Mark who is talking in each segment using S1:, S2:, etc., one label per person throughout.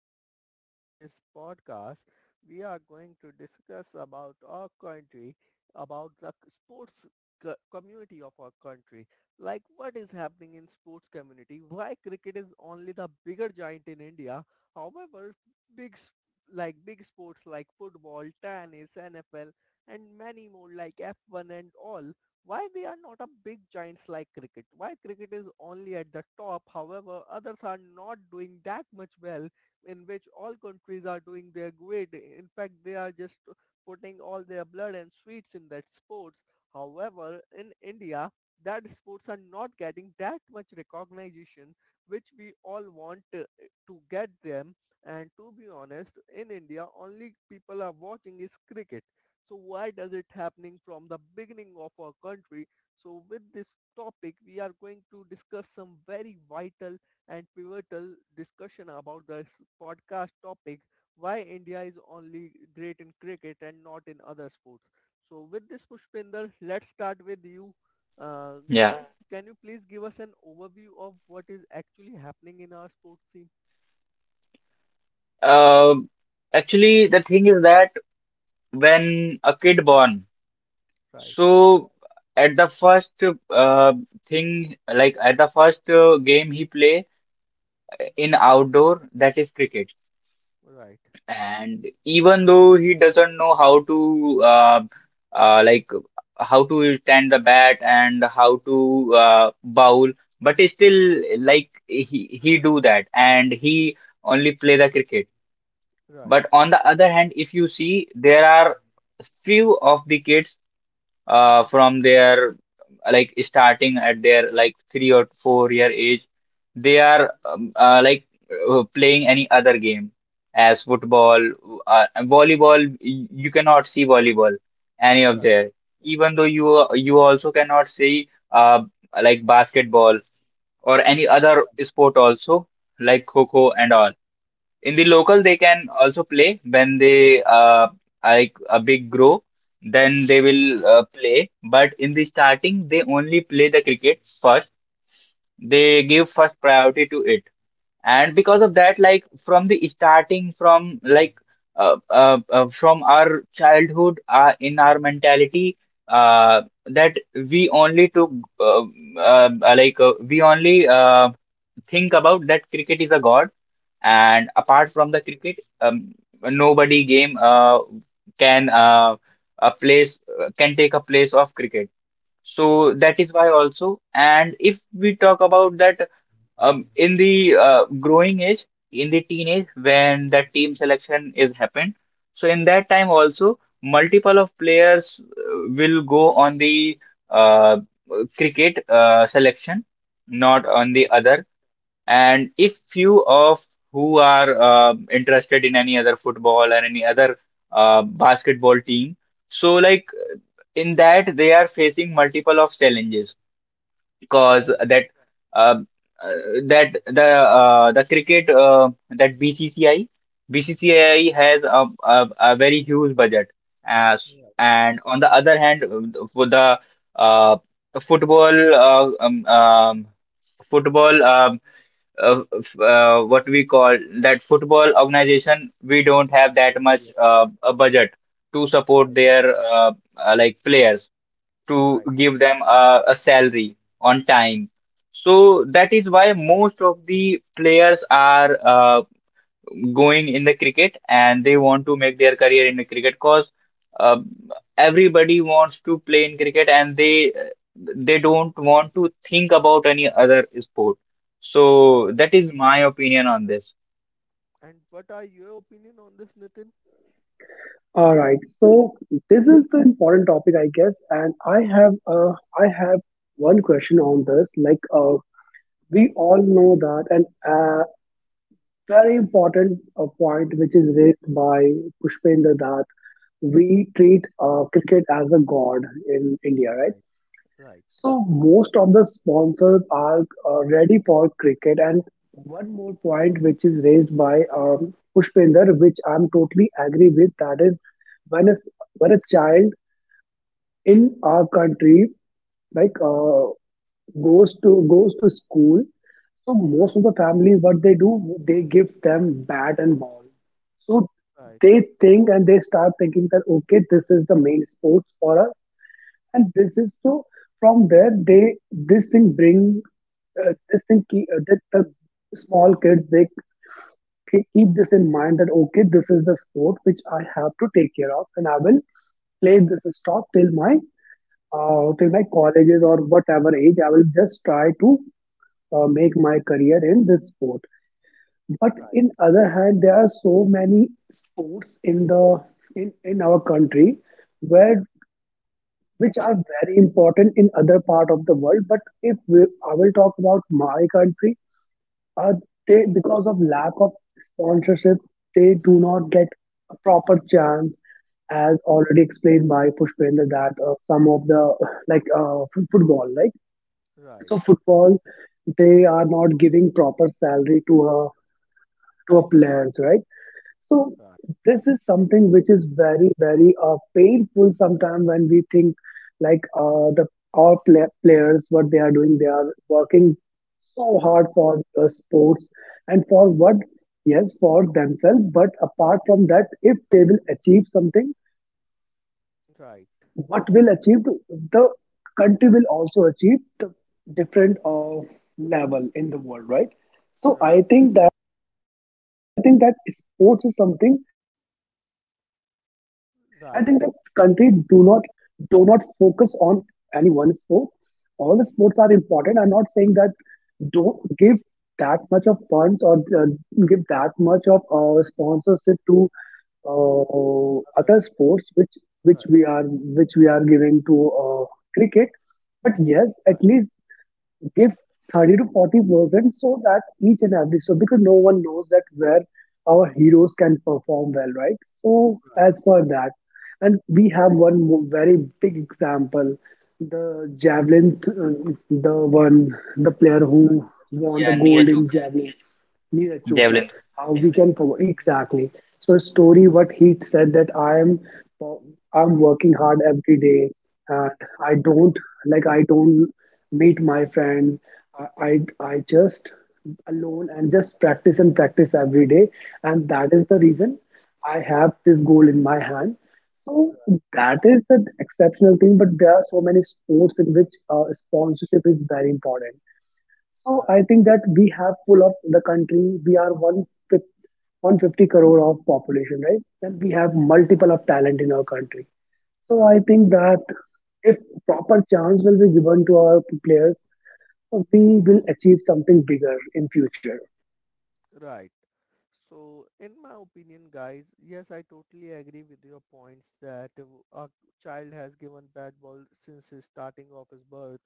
S1: podcast and in this podcast we are going to discuss about our country, about the sports community of our country. Like what is happening in sports community, why cricket is only the bigger giant in India. However, big s- like big sports like football, tennis, NFL and many more like F1 and all, why they are not a big giants like cricket, why cricket is only at the top, however others are not doing that much well, in which all countries are doing their great. In fact, they are just putting all their blood and sweets in that sports. However, in India, that sports are not getting that much recognition which we all want to get them. And to be honest, in India only people are watching is cricket. So why does it happening from the beginning of our country? So with this topic, we are going to discuss some very vital and pivotal discussion about this podcast topic, why India is only great in cricket and not in other sports. So with this, Pushpinder, let's start with you.
S2: Yeah.
S1: Can you please give us an overview of what is actually happening in our sports scene?
S2: Um Actually, the thing is that when a kid born,
S1: Right,
S2: so at the first uh, thing, like at the first game he play in outdoor, that is cricket.
S1: right,
S2: And even though he doesn't know how to like how to stand the bat and how to bowl, but still like he do that and he only play the cricket.
S1: right,
S2: But on the other hand, if you see, there are few of the kids from their like starting at their like 3 or 4 year age, they are like playing any other game as football, volleyball. You cannot see volleyball any of
S1: right,
S2: there, even though you also cannot see like basketball or any other
S1: right,
S2: sport also like kho and all in the local they can also play when they like a big grow, then they will play, but in the starting they only play the cricket first, they give first priority to it. And because
S1: right,
S2: of that, like from the starting, from like from our childhood, in our mentality, that we only took uh, uh, like we only think about that cricket is a god, and apart
S1: right,
S2: from the cricket, nobody game can a place can take a place of cricket. So
S1: right.
S2: that is why also. And if we talk about that, in the growing age, in the teenage, when that team selection is happened, so in that time also, multiple of players will go on the uh, cricket selection, not on
S1: Right,
S2: the other. And if few of who are interested in any other football or any other basketball team, so like in that they are facing multiple of challenges because
S1: right,
S2: that uh, uh, that the cricket that BCCI has a very huge budget as,
S1: right,
S2: and on the other hand, for the uh, football football what we call that football organization, we don't have that
S1: yeah, yeah,
S2: much a budget to
S1: right,
S2: support their like players to
S1: right,
S2: give them a salary on time. So that is why most of the players are going in the cricket and they want to make their career in the cricket because uh, everybody wants to play in cricket and they don't want to think about any other sport. So
S1: right.
S2: that is my opinion on this.
S1: And what are your opinion on this, Nitin?
S3: All right. So this is the important topic, I guess, and I have one question on this. We all know that, and very important point which is raised by Pushpendra that we treat cricket as a god in India, right?
S1: Right, right,
S3: So most of the sponsors are ready for cricket. And one more point which is raised by Pushpinder, which I'm totally agree with, that is when a, when a child in our country, like uh, goes to school. So most
S1: right,
S3: of the family, what they do, they give them bat and ball. So
S1: right, right,
S3: they think and they start thinking that okay, this is the main sports for us, and this is so. From there, they this thing bring this thing keep that the small kids they keep this in mind that okay, this is the sport which I have to take care of, and I will play this stop till my till my colleges or whatever age, I will just try to make my career in this sport. But
S1: right,
S3: in other hand, there are so many sports in in our country where which are very important in other part of the world. But if we, I will talk about my country, uh, they because of lack of sponsorship, they do not get a proper chance. As already explained by Pushpendra, that some of the football,
S1: right,
S3: so football, they are not giving proper salary to a players, right? So this is something which is very, very painful sometimes when we think the our players what they are doing they are working so hard for the sports and for what, yes, for themselves, but apart from that if they will achieve something
S1: right,
S3: what will achieve the country will also achieve the different level in the world, right? so i
S1: right,
S3: think I think that sports is something. I think that country
S1: right,
S3: do not focus on any one sport. All the sports are important. I'm not saying that don't give that much of funds or uh, give that much of sponsorship to
S1: others,
S3: other sports which
S1: right,
S3: which we are giving to cricket. But yes, at
S1: right,
S3: least give 30 to 40% so that each and every, so because no one knows that where our heroes can perform well, right? So
S1: right,
S3: as for that, and we have very big example, the javelin th- the one the player who
S1: that's
S3: won
S1: yoga,
S3: the
S2: Yeah, Neeraj
S3: gold in
S2: Chopra.
S3: javelin, Neeraj Chopra.
S2: Javelin.
S3: How we can promote, exactly. So a story what he said that I'm working hard every day, and I
S1: right,
S3: don't, like, I don't meet my friends. I I, I just alone and just practice and practice every day, and that is the reason I have this goal in my hand. So
S1: right,
S3: that is the exceptional thing, but there are so many sports in which sponsorship is very important. So
S1: right,
S3: I think that we have full of the country. We are fif- 150 crore of population, right? And we have multiple of talent in our country. So
S1: right.
S3: I think that if proper chance will be given to our players, we will achieve something bigger in future.
S1: Right. So, in my opinion, guys, yes, I totally agree with your points that a child has given bad ball since his starting of his birth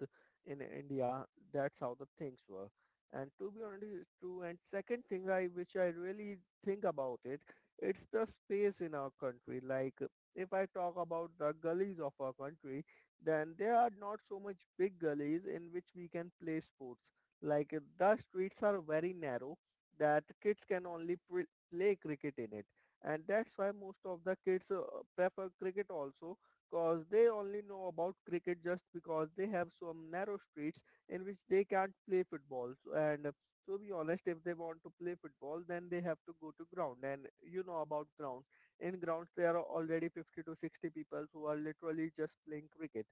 S1: in India. That's how the things were. And to be honest, it's true. And second thing I, which I really think about it, it's the space in our country. Like, if I talk about the gullies of our country, then there are not so much big gullies in which we can play sports. Like, the streets are very narrow that kids can only play cricket in it, and that's why most of the kids prefer cricket also, cause they only know about cricket just because they have some narrow streets in which they can't play football, so, and to be honest, if they want to play football then they have to go to ground, and you know about grounds, in grounds there are already 50 to 60 people who are literally just playing cricket.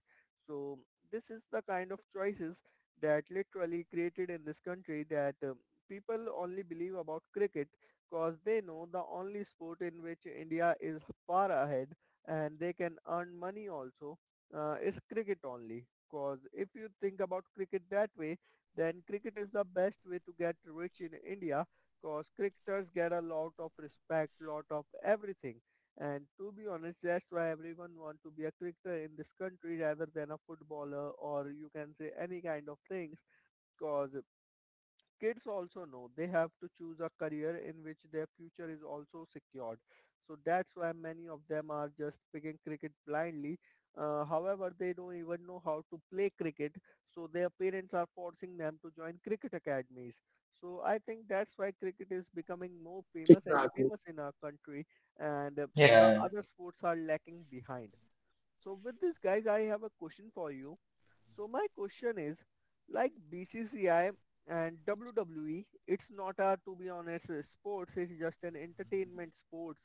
S1: So this is the kind of choices that literally created in this country that people only believe about cricket because they know the only sport in which India is far ahead and they can earn money also, is cricket only. Because if you think about cricket that way, then cricket is the best way to get rich in India because cricketers get a lot of respect, lot of everything, and to be honest, that's why everyone wants to be a cricketer in this country rather than a footballer or you can say any kind of things. Cause kids also know they have to choose a career in which their future is also secured. So that's why many of them are just picking cricket blindly. However, they don't even know how to play cricket, so their parents are forcing them to join cricket academies. So I think that's why cricket is becoming more famous and
S3: Exactly.
S1: famous in our country, and the
S2: Yeah.
S1: other sports are lacking behind. So with this, guys, I have a question for you. So my question is, like BCCI and WWE, it's not a, to be honest, sports. It's just an entertainment sports.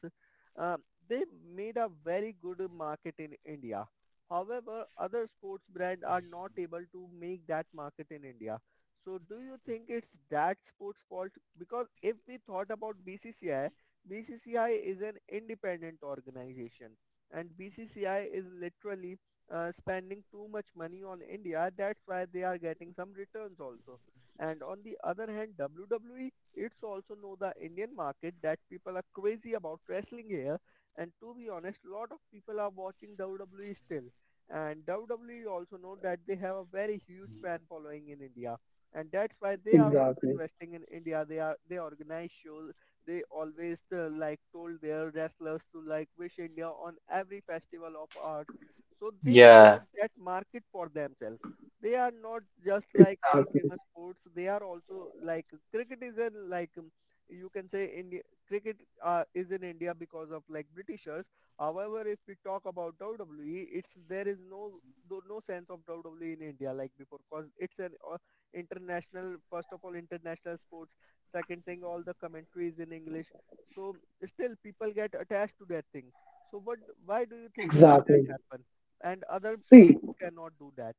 S1: Uh, they made a very good market in India. However, other sports brands are not able to make that market in India. So do you think it's that sports fault? Because if we thought about BCCI, BCCI is an independent organization and BCCI is literally spending too much money on India. That's why they are getting some returns also. And on the other hand, WWE, it's also know the Indian market that people are crazy about wrestling here. And to be honest, a lot of people are watching WWE still. And WWE also know that they have a very huge fan following in India. And that's why they are also
S3: Exactly.
S1: investing in India. They organize shows. They always like told their wrestlers to like wish India on every festival of arts. So they created
S2: Yeah,
S1: that market for themselves. They are not just like any
S3: Exactly.
S1: famous sports. They are also like cricket is in like you can say India cricket is in India because of like Britishers. However, if we talk about WWE, it's there is no though no sense of WWE in India like before because it's an international, first of all international sport. Second thing, all the commentary is in english, so still people get attached to that thing. So what, why do you think guys that
S3: Exactly.
S1: happen and other sports
S3: See,
S1: cannot do that?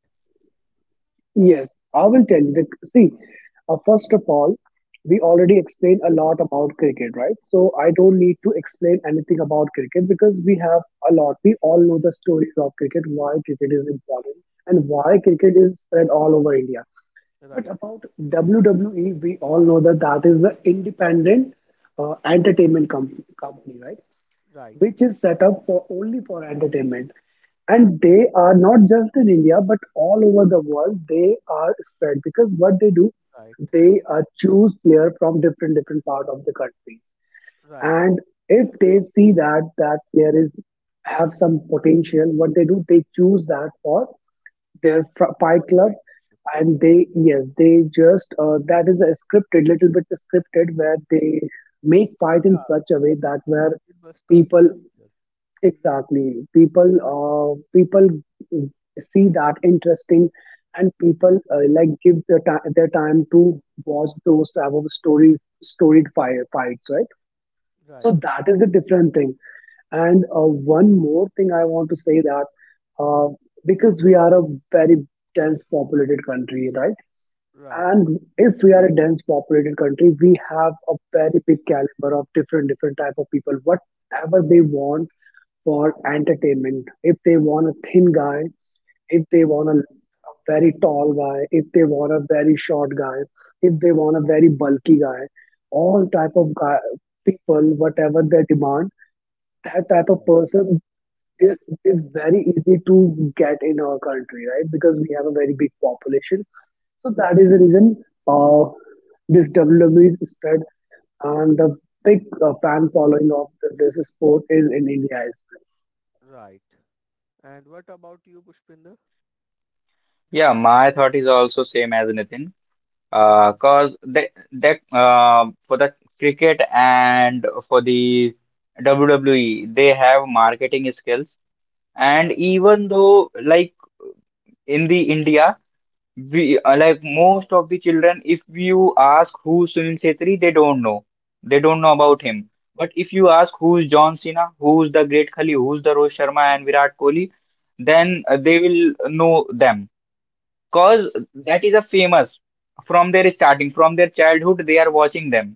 S3: yes, I will tell you. That, see, first of all, we already explained a lot about cricket, right? So I don't need
S1: Right,
S3: to explain anything about cricket because we have a lot. We all know the stories of cricket, why cricket is important, and why cricket is spread all over India. But
S1: right,
S3: about WWE, we all know that that is the independent uh, company, right?
S1: right,
S3: Which is set up for only for entertainment,
S1: right,
S3: and they are not just in India but all over the world they are spread, because what they do,
S1: right,
S3: they choose player from different different part of the country,
S1: right.
S3: and if they see that that player is have some potential, what they do, they choose that for their fight
S1: Quite
S3: club.
S1: right.
S3: And they, yes, they just that is a scripted, little bit scripted, where they make fight in
S1: Yeah,
S3: such a
S1: whole
S3: way that
S1: show is
S3: where
S1: scripted but turned
S3: people
S1: darker.
S3: exactly. People, people, mm, see that interesting, and people like give their time to watch those type of story storied fire fights, right?
S1: Right,
S3: So that is a different thing. And one more thing I want to say that uh, because we are a very dense populated country, right?
S1: right,
S3: And if we are a dense populated country, we have a very big caliber of different different type of people. Whatever they want for entertainment. If they want a thin guy, if they want a very tall guy, if they want a very short guy, if they want a very bulky guy, all type of guy, people, whatever they demand, that type of
S1: right,
S3: person is, is very easy to get in our country, right? Because we have a very big population. So that is the
S1: right,
S3: reason, uh, this WWE is spread and the big fan following of this sport is in India as well.
S1: right. And what about you, pushpinder?
S2: yeah, my thought is also same as Nitin.
S1: Hmm.
S2: Cause that that for the cricket and for the WWE, they have marketing skills. And
S1: Right,
S2: even though, like in the India, we
S1: right,
S2: like most of the children, if you ask who's Sunil Chhetri, they don't know. They don't know about him. But if you ask who's John Cena, who's the Great Khali, who's the Rohit Sharma and Virat Kohli,
S1: right,
S2: then they will know them
S1: right,
S2: cause that is a famous from their starting, from their childhood they are watching them.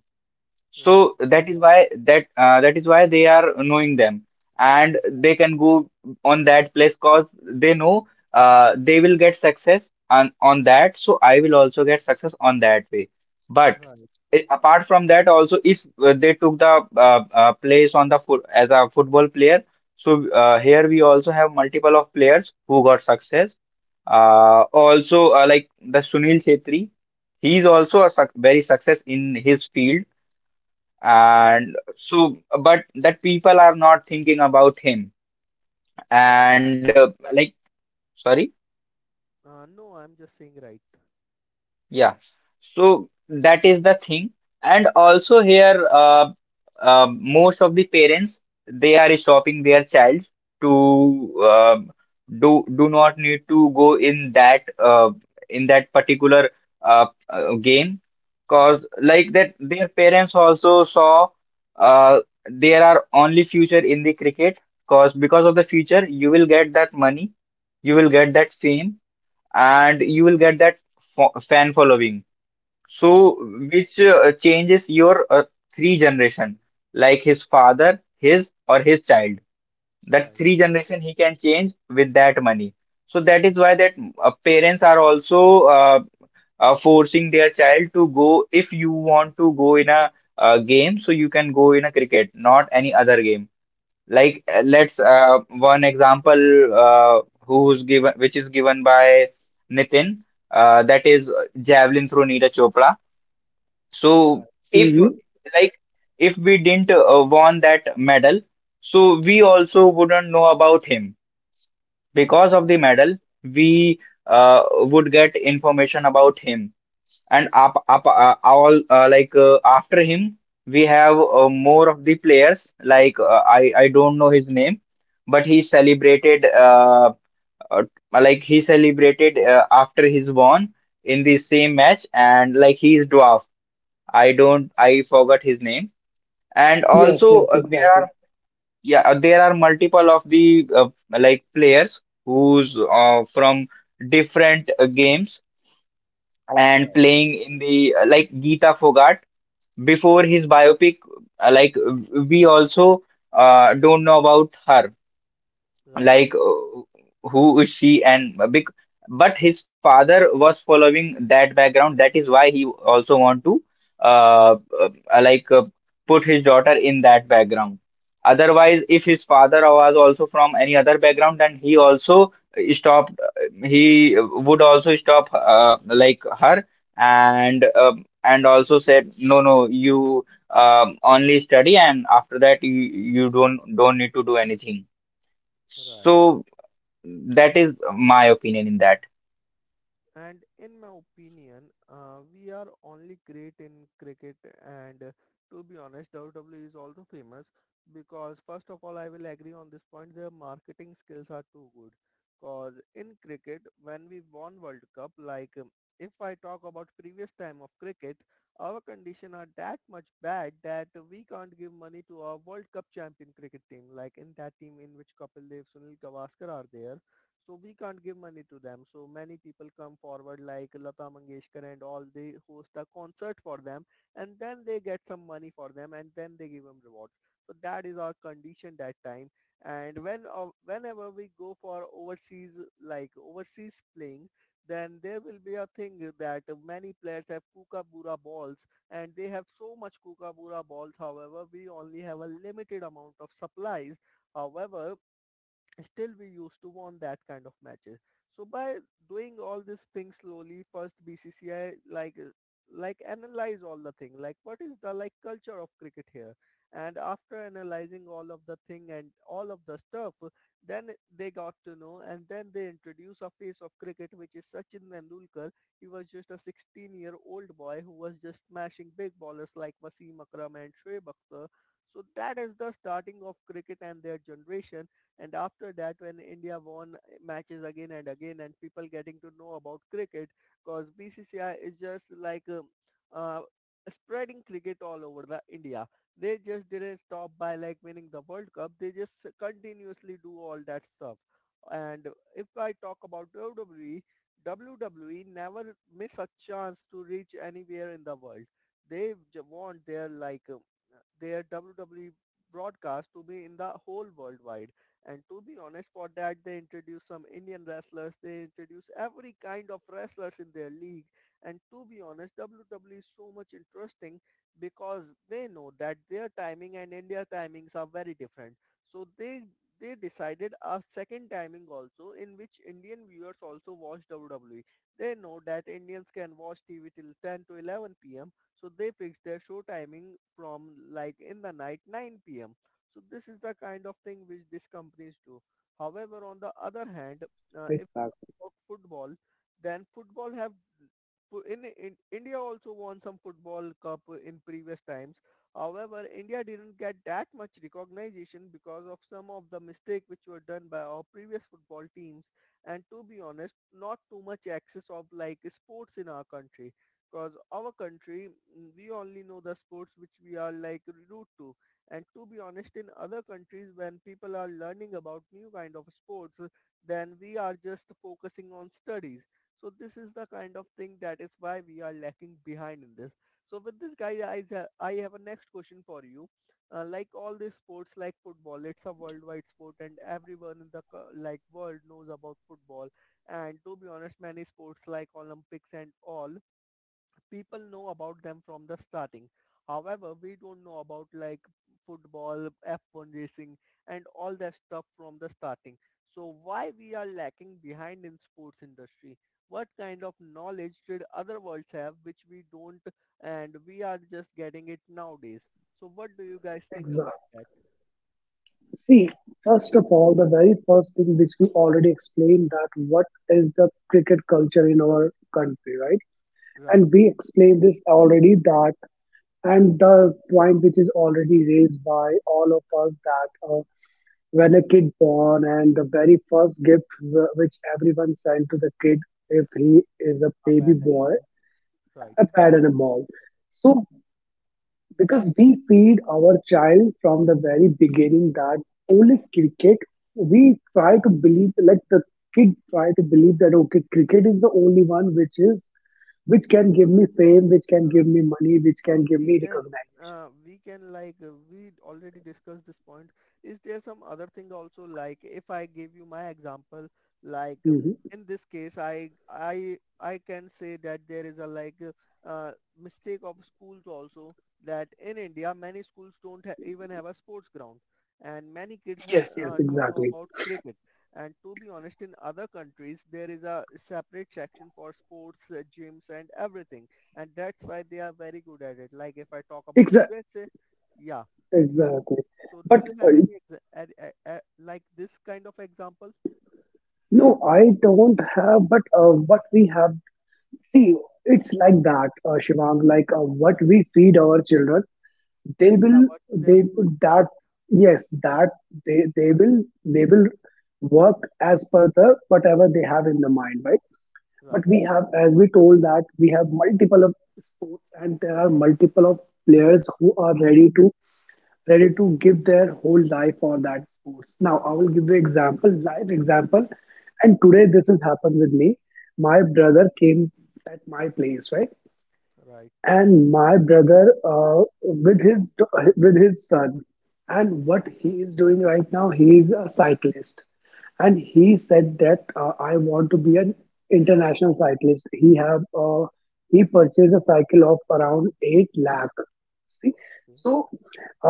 S1: right,
S2: So that is why that that is why they are knowing them, and they can go on that place cause they know they will get success on that, so I will also get success on that way. But
S1: right,
S2: apart from that also, if they took the place on the foot as a football player, so here we also have multiple of players who got success, also, like the Sunil Chhetri, he's also a suc very success in his field,
S1: right, right,
S2: and so but that people are not thinking about him.
S1: right.
S2: And like, sorry.
S1: No, I'm just saying. Right.
S2: Yeah, so that is the thing. And also here, most of the parents, they are stopping their child to do do not need to go in that particular game, cause
S1: Right,
S2: like that their parents also saw uh, there are only future in the cricket, cause because of the future you
S3: Hello,
S2: will
S3: can
S2: get
S3: you hear
S2: that
S3: me?
S2: money, you will get that fame, and you will get that fan following.
S1: right,
S2: So, which changes your three generation, like his father, his or his child. That
S1: right,
S2: three generation he can change with that money. So that is why that parents are also forcing their child to go. If you want to go in a game, so you can go in a cricket, not any other game. Like let's one example who's given, which is given by Nitin, that is javelin through Neera Chopra.
S1: right,
S2: So
S1: right,
S2: if
S3: Hmm.
S2: like if we didn't won that medal, so we also wouldn't know about him. Because of the medal we uh, would get information about him. And up up all like after him we have more of the players, like I don't know his name, but he celebrated uh, like he celebrated after his won in the same match, and like he's dwarf, I don't, I forgot his name. And
S3: Yes,
S2: also
S3: yes,
S2: there are
S3: exactly.
S2: yeah there are multiple of the like players who's from different games and
S1: right,
S2: playing in the like Geeta Fogart before his biopic, like we also don't know about her,
S1: right,
S2: like who is she and a big. But his father was following that background, that is why he also want to uh, uh like put his daughter in that background, otherwise if his father was also from any other background then he also stopped, he would also stop like her and also said no no you only study and after that you don't need to do anything.
S1: right, right.
S2: So that is my opinion in that.
S1: And in my opinion, we are only great in cricket and to be honest, WWE is also famous because first of all, I will agree on this point, their marketing skills are too good. Cause in cricket, when we won World Cup, like if I talk about previous time of cricket, our condition are that much bad that we can't give money to our World Cup champion cricket team, like in that team in which Kapil Dev, Sunil Gavaskar are there, so we can't give money to them. So many people come forward like Lata Mangeshkar and all. They host a concert for them and then they get some money for them and then they give them rewards. So that is our condition that time. And when whenever we go for overseas, like overseas playing, then there will be a thing that many players have kookaburra balls and they have so much kookaburra balls. However, we only have a limited amount of supplies. However, still we used to won that kind of matches. So by doing all these things slowly, first BCCI like analyze all the thing, like what is the like culture of cricket here, and after analyzing all of the thing and all of the stuff, then they got to know, and then they introduce a face of cricket which is Sachin Tendulkar. He was just a 16-year-old boy who was just smashing big ballers like Wasim Akram and Shoaib Akhtar. So that is the starting of cricket and their generation, and after that, when India won matches again and again and people getting to know about cricket, because BCCI is just like uh, spreading cricket all over the India. They just didn't stop by like winning the World Cup. They just continuously do all that stuff. And if I talk about WWE, WWE never miss a chance to reach anywhere in the world. They want their WWE broadcast to be in the whole worldwide. And to be honest, for that they introduce some Indian wrestlers. They introduce every kind of wrestlers in their league. And to be honest, WWE is so much interesting because they know that their timing and India timings are very different. So they decided a second timing also in which Indian viewers also watch WWE. They know that Indians can watch TV till 10 to 11 p.m. So they fixed their show timing from like in the night 9 p.m. So this is the kind of thing which these companies do. However, on the other hand, if
S3: Exactly.
S1: about football, then football have in India also won some football cup in previous times. However, India didn't get that much recognition because of some of the mistake which were done by our previous football teams, and to be honest, not too much access of like sports in our country. Because our country, we only know the sports which we are like root to. And to be honest, in other countries, when people are learning about new kind of sports, then we are just focusing on studies. So this is the kind of thing that is why we are lacking behind in this. So with this guy, I have a next question for you. Like all these sports, like football, it's a worldwide sport, and everyone in the like world knows about football. And to be honest, many sports like Olympics and all, people know about them from the starting. However, we don't know about like football, F1 racing, and all that stuff from the starting. So why we are lacking behind in sports industry? What kind of knowledge did other worlds have which we don't, and we are just getting it nowadays? So what do you guys think
S3: Exactly.
S1: about that?
S3: See, first of all, the very first thing which we already explained that what is the cricket culture in our country, right?
S1: Right,
S3: And we explained this already that, and the point which is already raised by all of us that when a kid born and the very first gift which everyone sent to the kid if he is a
S1: a
S3: baby
S1: bat and
S3: boy,
S1: ball. Right.
S3: a pad and a ball. So because we feed our child from the very beginning that only cricket, we try to believe, like the kid try to believe that, okay, cricket is the only one which is, which can give me fame, which can give me money, which can give
S1: we
S3: me
S1: can
S3: recognition.
S1: we can like we already discussed this point. Is there some other thing also, like if I give you my example, like
S3: Hmm.
S1: in this case I can say that there is a, like, uh, mistake of schools also, that in India many schools don't even have a sports ground, and many kids
S3: Yes, yes,
S1: don't know
S3: exactly.
S1: about cricket. And to be honest, in other countries there is a separate section for sports, gyms and everything, and that's why they are very good at it. Like if I talk about
S3: Exa-
S1: USA, yeah.
S3: exactly.
S1: So
S3: But
S1: do you have any like this kind of example?
S3: no, I don't have. But what we have, see, it's like that, Shivang. Like what
S1: Right.
S3: we feed our children, they
S1: Yeah.
S3: will
S1: What then?
S3: they
S1: What you
S3: that
S1: get?
S3: yes that they they will they will work as per the whatever they have in the mind, right? But
S1: Right.
S3: we have, as we told, that we have multiple of sports, and there are multiple of players who are ready to give their whole life for that sports. Now I will give you
S1: Right.
S3: example, live example, and today this has happened with me. My brother came at my place, right?
S1: Right.
S3: And my brother, with his son. And what he is doing right now, he is a cyclist. And he
S1: Okay.
S3: said that I want to be an international cyclist. He have he purchased a cycle of around 8 lakh. See,
S1: Okay.
S3: so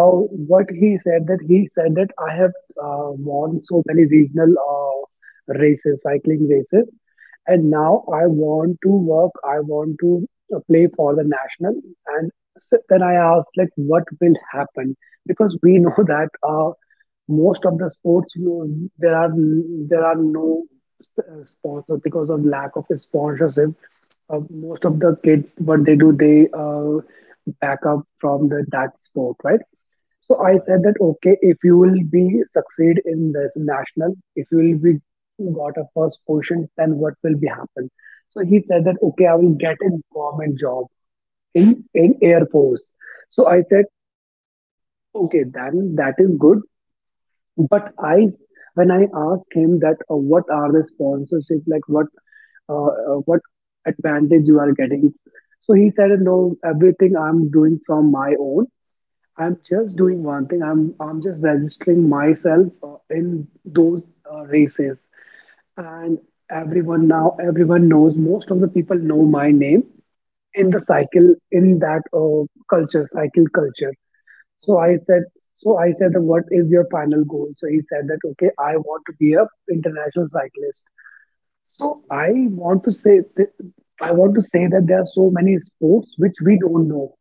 S3: uh, what he said that I have won so many regional races, cycling races. And now I
S1: Okay.
S3: want to work, I want to play for the national. And so then I asked, like, what will happen? Because we know that most of the sports, you know, there are no sponsors because of lack of sponsorship. Most of the kids, what they do, they back up from the that sport, right? So I
S1: Right.
S3: said that okay, if you will be succeed in this national, if you will be got a first position, then what will be happen? So he said that okay, I will get a government job in Air Force. So I said okay, then that is good. But I when I asked him that what are the sponsorship like, what advantage you are getting. So he said, no, everything I'm doing from my own. I'm just
S1: Okay.
S3: doing one thing. I'm just registering myself in those races, and everyone, now everyone knows. Most of the people know my name in the
S1: Okay.
S3: cycle, in that culture, cycle culture.
S1: Okay.
S3: So I said. So I said, "What is your final goal?" So he said that, "Okay, I want to be a international cyclist." So I want to say that there are so many sports which we don't know.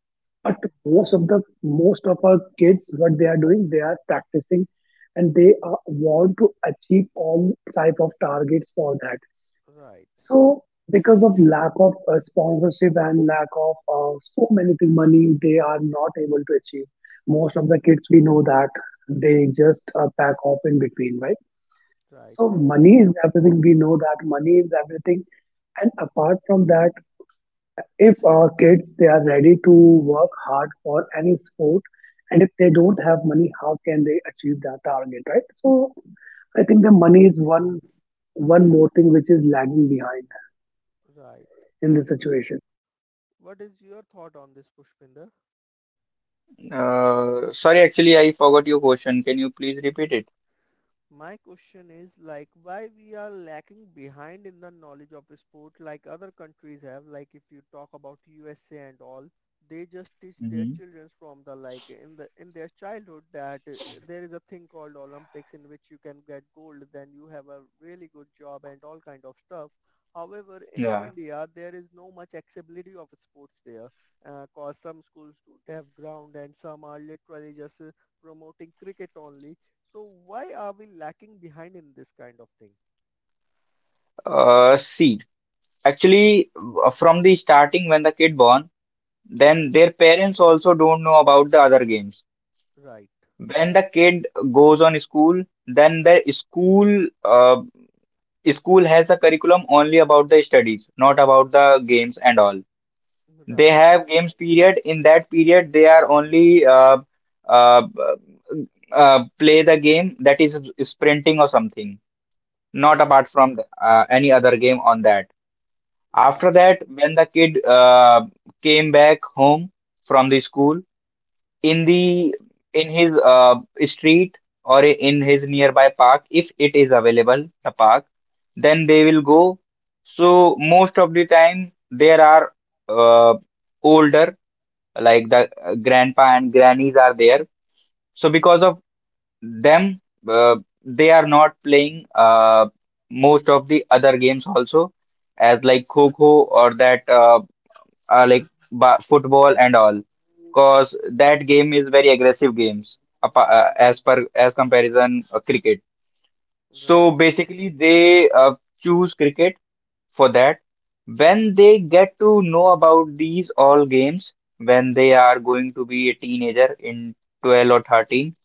S3: But
S1: Right.
S3: most of the most of our kids, what they are doing, they are practicing, and they are, want to achieve all type of targets for that.
S1: Right.
S3: So because of lack of sponsorship and lack of so many things, money, they are not able to achieve. Most of the kids we know that they just back off in between, right?
S1: Right.
S3: So money is everything. We know that money is everything. And apart from that, if our kids they are ready to work hard for any sport, and if they don't have money, how can they achieve that target, right? So I think the money is one more thing which is lagging behind
S1: Right.
S3: in
S1: And
S3: this
S1: what,
S3: situation.
S1: what is your thought on this, Pushpinder?
S2: Sorry, actually, I forgot your question. Can you please repeat it?
S1: My question is, like, why we are lacking behind in the knowledge of sport like other countries have. Like if you talk about USA and all, they just teach their
S2: Hmm.
S1: children from the, like, in their childhood that there is a thing called Olympics in which you can get gold, then you have a really good job and all kind of stuff. However, in
S2: Yeah.
S1: India there is no much accessibility of sports there, cause some schools don't have ground and some are literally just promoting cricket only. So why are we lacking behind in this kind of thing?
S2: See, actually, from the starting when the kid born, then
S1: Right.
S2: their parents also don't know about the other games.
S1: Right.
S2: When the kid goes on school, then the school school has a curriculum only about the studies, not about the games and all. They
S1: Right.
S2: have games period. In that period, they are only uh, play the game that is sprinting or something, not
S1: Right.
S2: apart from the, any other game on that.
S1: Right. Right.
S2: After that, when the kid came back home from the school, in the in his street or in his nearby park, if it is available, the park, then they will go. So most of the time, there are uh, older like the grandpa and grannies are there. So
S1: Right.
S2: because of them, uh, they are not playing most of the other games also, as like kho-kho or that like ba football and all, because that game is very aggressive games as per as comparison cricket.
S1: Right.
S2: So
S1: Right.
S2: basically, they choose cricket for that. When they get to know about these all games, when they are going to be a teenager in 12 or 13,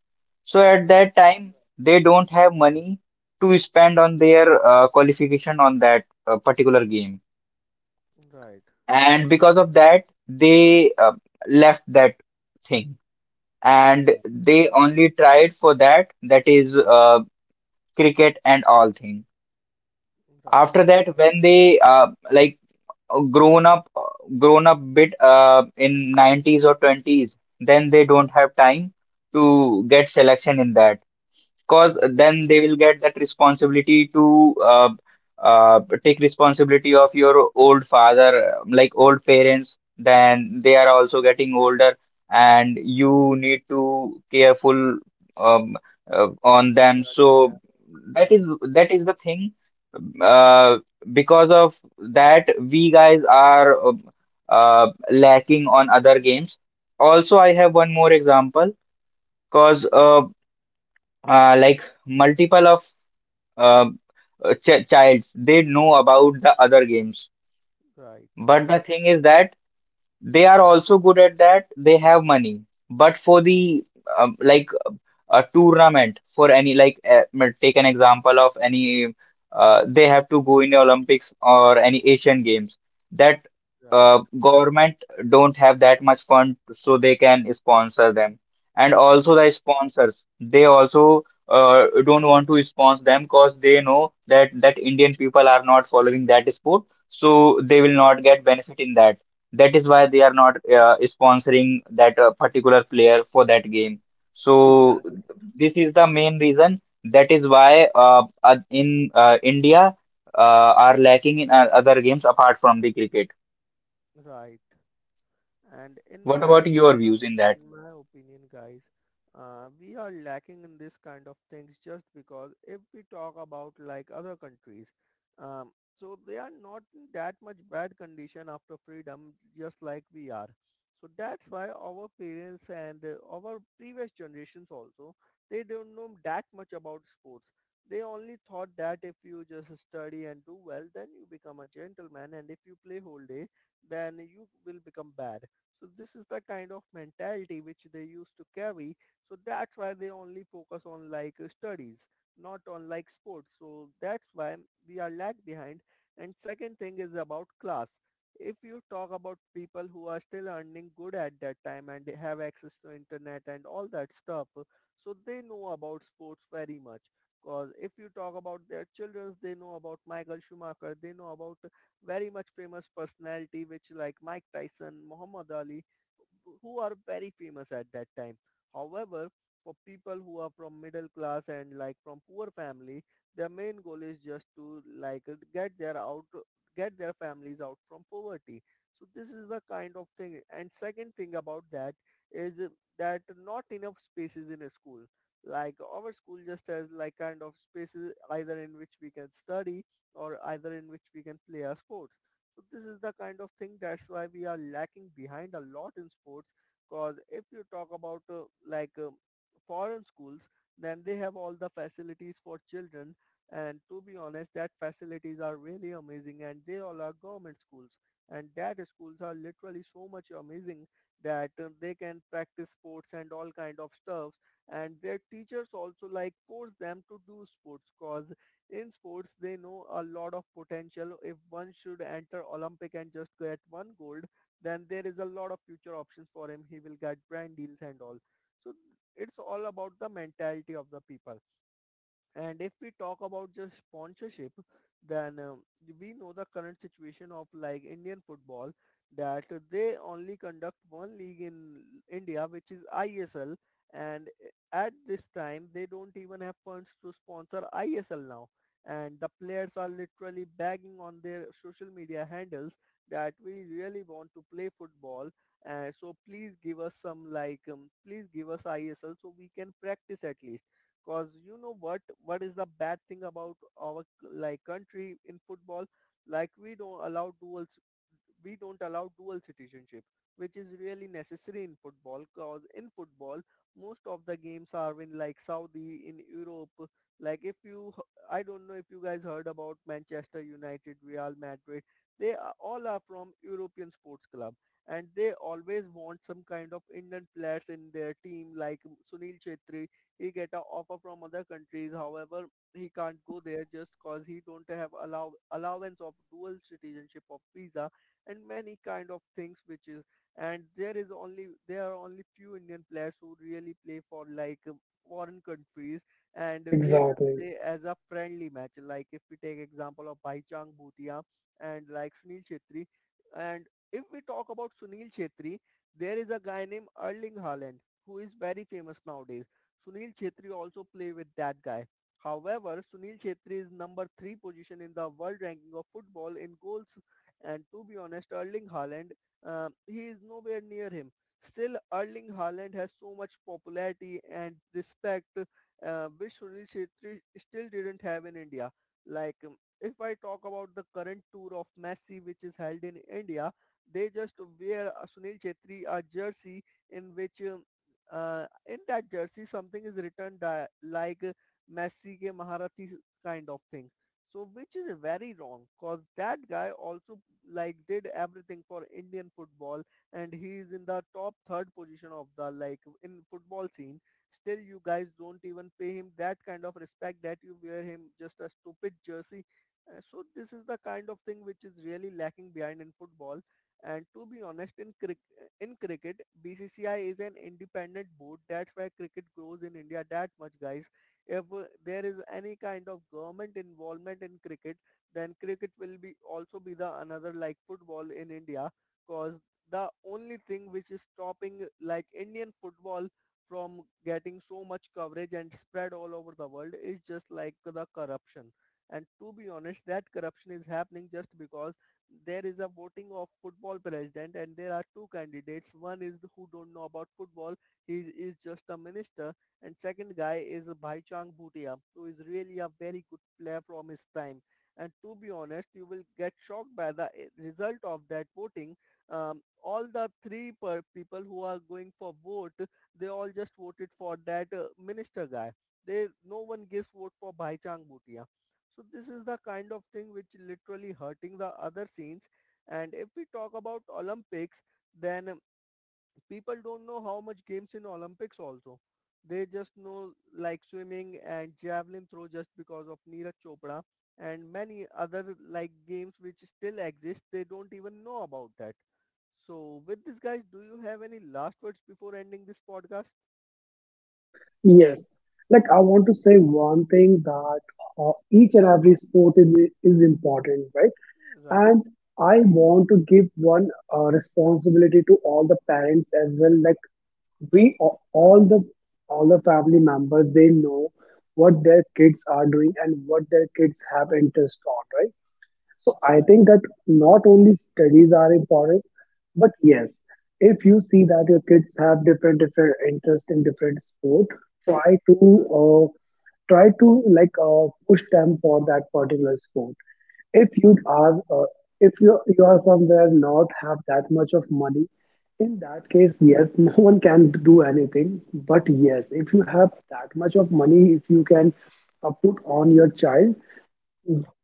S2: so at that time they don't have money to spend on their qualification on that particular game,
S1: Right.
S2: and because of that they left that thing, and they only tried for that, that is cricket and all thing.
S1: Right.
S2: After that, when they like grown up grown up bit in '90s or '20s, then they don't have time to get selection in that, because
S1: Right. Right.
S2: then they will get that responsibility to take responsibility of your old father, like old parents. Then they are also getting older, and you need to careful um, on them. So
S1: Yeah.
S2: that is
S1: Right.
S2: that is the thing. Uh, because of that, we guys are lacking on other games. Also, I have one more example because like multiple of uh, childs they know about the other games,
S1: Right.
S2: but the thing is that they are also good at that, they have money. But for the like a tournament for any like take an example of any they have to go in the Olympics or any Asian Games, that
S1: Right.
S2: government don't have that much fund so they can sponsor them. And also the sponsors, they also don't want to sponsor them because they know that that Indian people are not following that sport, so they will not get benefit in that. That is why they are not sponsoring that particular player for that game. So
S3: Exactly.
S2: this is the main reason. That is why in India are lacking in other games apart from the cricket.
S1: Right. Right. And in
S2: What
S1: my
S2: about your
S1: opinion,
S2: views in that?
S1: in my opinion, guys, we are lacking in this kind of things just because if we talk about like other countries, um, so they are not in that much bad condition after freedom, just like we are. So that's why our parents and our previous generations also, they don't know that much about sports. They only thought that if you just study and do well, then you become a gentleman, and if you play whole day, then you will become bad. So this is the kind of mentality which they used to carry. So that's why they only focus on like studies, not on like sports. So that's why we are lag behind. And second thing is about class. If you talk about people who are still earning good at that time and they have access to internet and all that stuff, so they know about sports very much. Because if you talk about their children, they know about Michael Schumacher, they know about very much famous personality, which like Mike Tyson, Muhammad Ali, who are very famous at that time. However, for people who are from middle class and like from poor family, their main goal is just to like get their out get their families out from poverty. So this is the kind of thing. And second thing about that is that not enough spaces in a school. Like our school just has like kind of spaces either in which we can study or either in which we can play our sports. So this is the kind of thing, that's why we are lacking behind a lot in sports, because if you talk about like foreign schools, then they have all the facilities for children. And to be honest, that facilities are really amazing, and they all are government schools. And that schools are literally so much amazing that they can practice sports and all kind of stuffs. And their teachers also like force them to do sports, cause in sports they know a lot of potential. If one should enter Olympic and just get one gold, then there is a lot of future options for him. He will get brand deals and all. So it's all about the mentality of the people. And if we talk about just sponsorship, then we know the current situation of like Indian football, that they only conduct one league in India, which is ISL. And at this time, they don't even have funds to sponsor ISL now. And the players are literally begging on their social media handles that we really want to play football. So please give us some, like, please give us ISL so we can practice at least. Cause you know what? What is the bad thing about our, like, country in football? Like we don't allow dual, we don't allow dual citizenship, which is really necessary in football. Cause in football, most of the games are in like Saudi, in Europe. Like if you, I don't know if you guys heard about Manchester United, Real Madrid. All are from European sports club, and they always want some kind of Indian players in their team, like Sunil Chhetri. He get a offer from other countries. However, he can't go there just cause he don't have allowance of dual citizenship of visa and many kind of things. Which is and there is only There are only few Indian players who really play for like foreign countries, and they just
S3: Exactly.
S1: play as a friendly match. Like if we take example of Bhaichang Bhutia and like Sunil Chhetri, and if we talk about Sunil Chhetri, there is a guy named Erling Haaland who is very famous nowadays. Sunil Chhetri also play with that guy. However, Sunil Chhetri is number three position in the world ranking of football in goals, and to be honest, Erling Haaland, he is nowhere near him. Still, Erling Haaland has so much popularity and respect, which Sunil Chhetri still didn't have in India. Like, if I talk about the current tour of Messi, which is held in India, they just wear Sunil Chhetri a jersey, in which in that jersey something is written like "Messi ke Maharati" kind of thing. So which is very wrong, because that guy also like did everything for Indian football, and he is in the top third position of the, like, in football scene. Still you guys don't even pay him that kind of respect that you wear him just a stupid jersey. So this is the kind of thing which is really lacking behind in football. And to be honest, in cricket, BCCI is an independent board. That's why cricket grows in India that much, guys. If there is any kind of government involvement in cricket, then cricket will be also be the another like football in India, cause the only thing which is stopping like Indian football from getting so much coverage and spread all over the world is just like the corruption. And to be honest, that corruption is happening just because there is a voting of football president, and there are two candidates. One is who don't know about football, he is just a minister. And second guy is Bhaichang Bhutia, who is really a very good player from his time. And to be honest, you will get shocked by the result of that voting. um, all the three per people who are going for vote, they all just voted for that minister guy. They No one gives vote for Bhaichang Bhutia. So this is the kind of thing which literally hurting the other scenes. And if we talk about Olympics, then people don't know how much games in Olympics also. They just know like swimming and javelin throw just because of Neeraj Chopra, and many other like games which still exist. They don't even know about that. So with this guys, do you have any last words before ending this podcast?
S3: Yes. Like I want to say one thing that each and every sport is important, right?
S1: Right.
S3: And I want to give one responsibility to all the parents as well. Like we a- all the all the family members they know what their kids are doing and what their kids have interest on, right? So I
S1: Right.
S3: think that not only studies are important, but yes, if you see that your kids have different different interest in different sport, try to uh, try to like push them for that particular sport. If
S1: Right.
S3: you
S1: Right.
S3: are if you you are somewhere not have that much of money, in that case, yes, no one can do anything. But yes, if you have that much of money, if you can put on your child,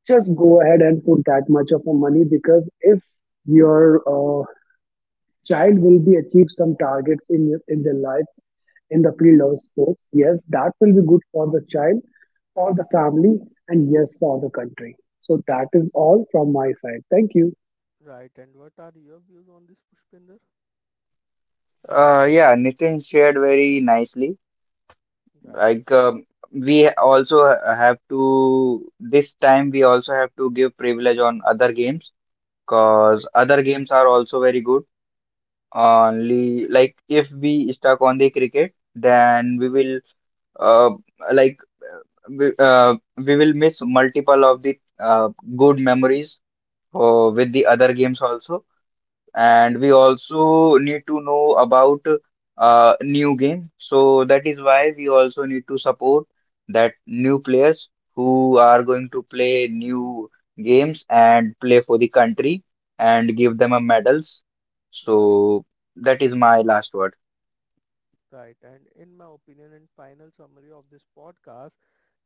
S3: just go ahead and put that much of a money, because if your child will be achieve some targets in in their life in the field of sports, yes, that will be good for the child, for the family, and yes, for the country. So that is all from my side. Thank you.
S1: Right. And what are your views on this, Pushpinder?
S2: Yeah, Nitin shared very nicely.
S1: Right.
S2: Like, we also have to, this time we also have to give privilege on other games because
S1: Right.
S2: other games are also very good. Only, like, if we stuck on the cricket, then we will uh, like uh, we will miss multiple of the good memories with the
S1: Right.
S2: other games also, and we also need to know about new game. So that is why we also need to support that new players who are going to play new games and play for the country and give them a medals.
S1: Right. Right.
S2: So that is my last word.
S1: Right. And in my opinion and final summary of this podcast,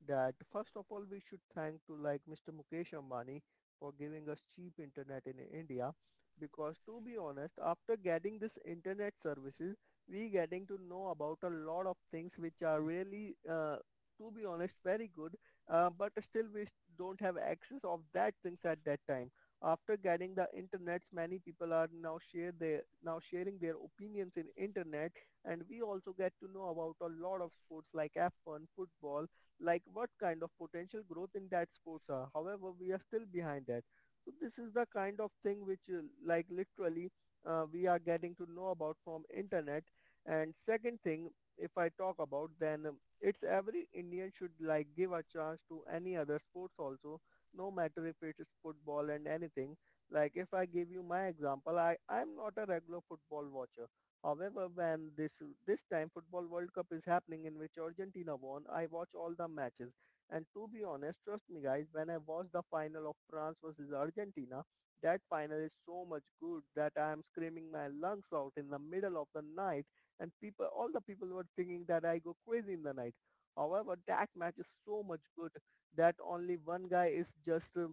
S1: that first of all, we should thank to like Mr. Mukesh Ambani for giving us cheap internet in India. Because to be honest, after getting this internet services, we getting to know about a lot of things which are really, to be honest, very good. But still, we don't have access of that things at that time. After getting the internets, many people are now sharing their opinions in internet, and we also get to know about a lot of sports like F1, football, like what kind of potential growth in that sports are. However, we are still behind that. So this is the kind of thing which like literally we are getting to know about from internet. And second thing, if I talk about then it's every Indian should like give a chance to any other sports also, no matter if it is football and anything. Like if I give you my example, I'm not a regular football watcher. However, when this time Football World Cup is happening in which Argentina won, I watch all the matches. And to be honest, trust me guys, when I watched the final of France versus Argentina, that final is so much good that I am screaming my lungs out in the middle of the night, and people all the people were thinking that I go crazy in the night. However, that match is so much good that only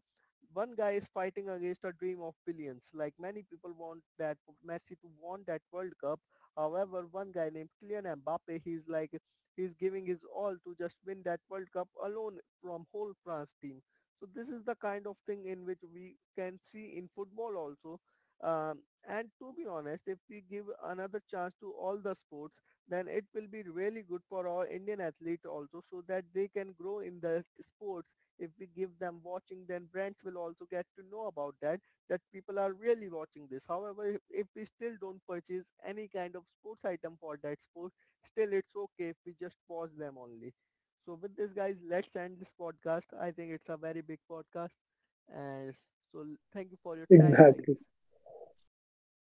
S1: one guy is fighting against a dream of billions. Like many people want that Messi to won that World Cup. However, one guy named Kylian Mbappe, he's giving his all to just win that World Cup alone from whole France team. So this is the kind of thing in which we can see in football also. Um, and to be honest, if we give another chance to all the sports, then it will be really good for our Indian athlete also so that they can grow in the sports. If we give them watching, then brands will also get to know about that, that people are really watching this. However, if we still don't purchase any kind of sports item for that sport, still it's okay if we just pause them only. So with this, guys, let's end this podcast. I think it's a very big podcast. And so thank you for your time, guys.
S3: Exactly. Thank you.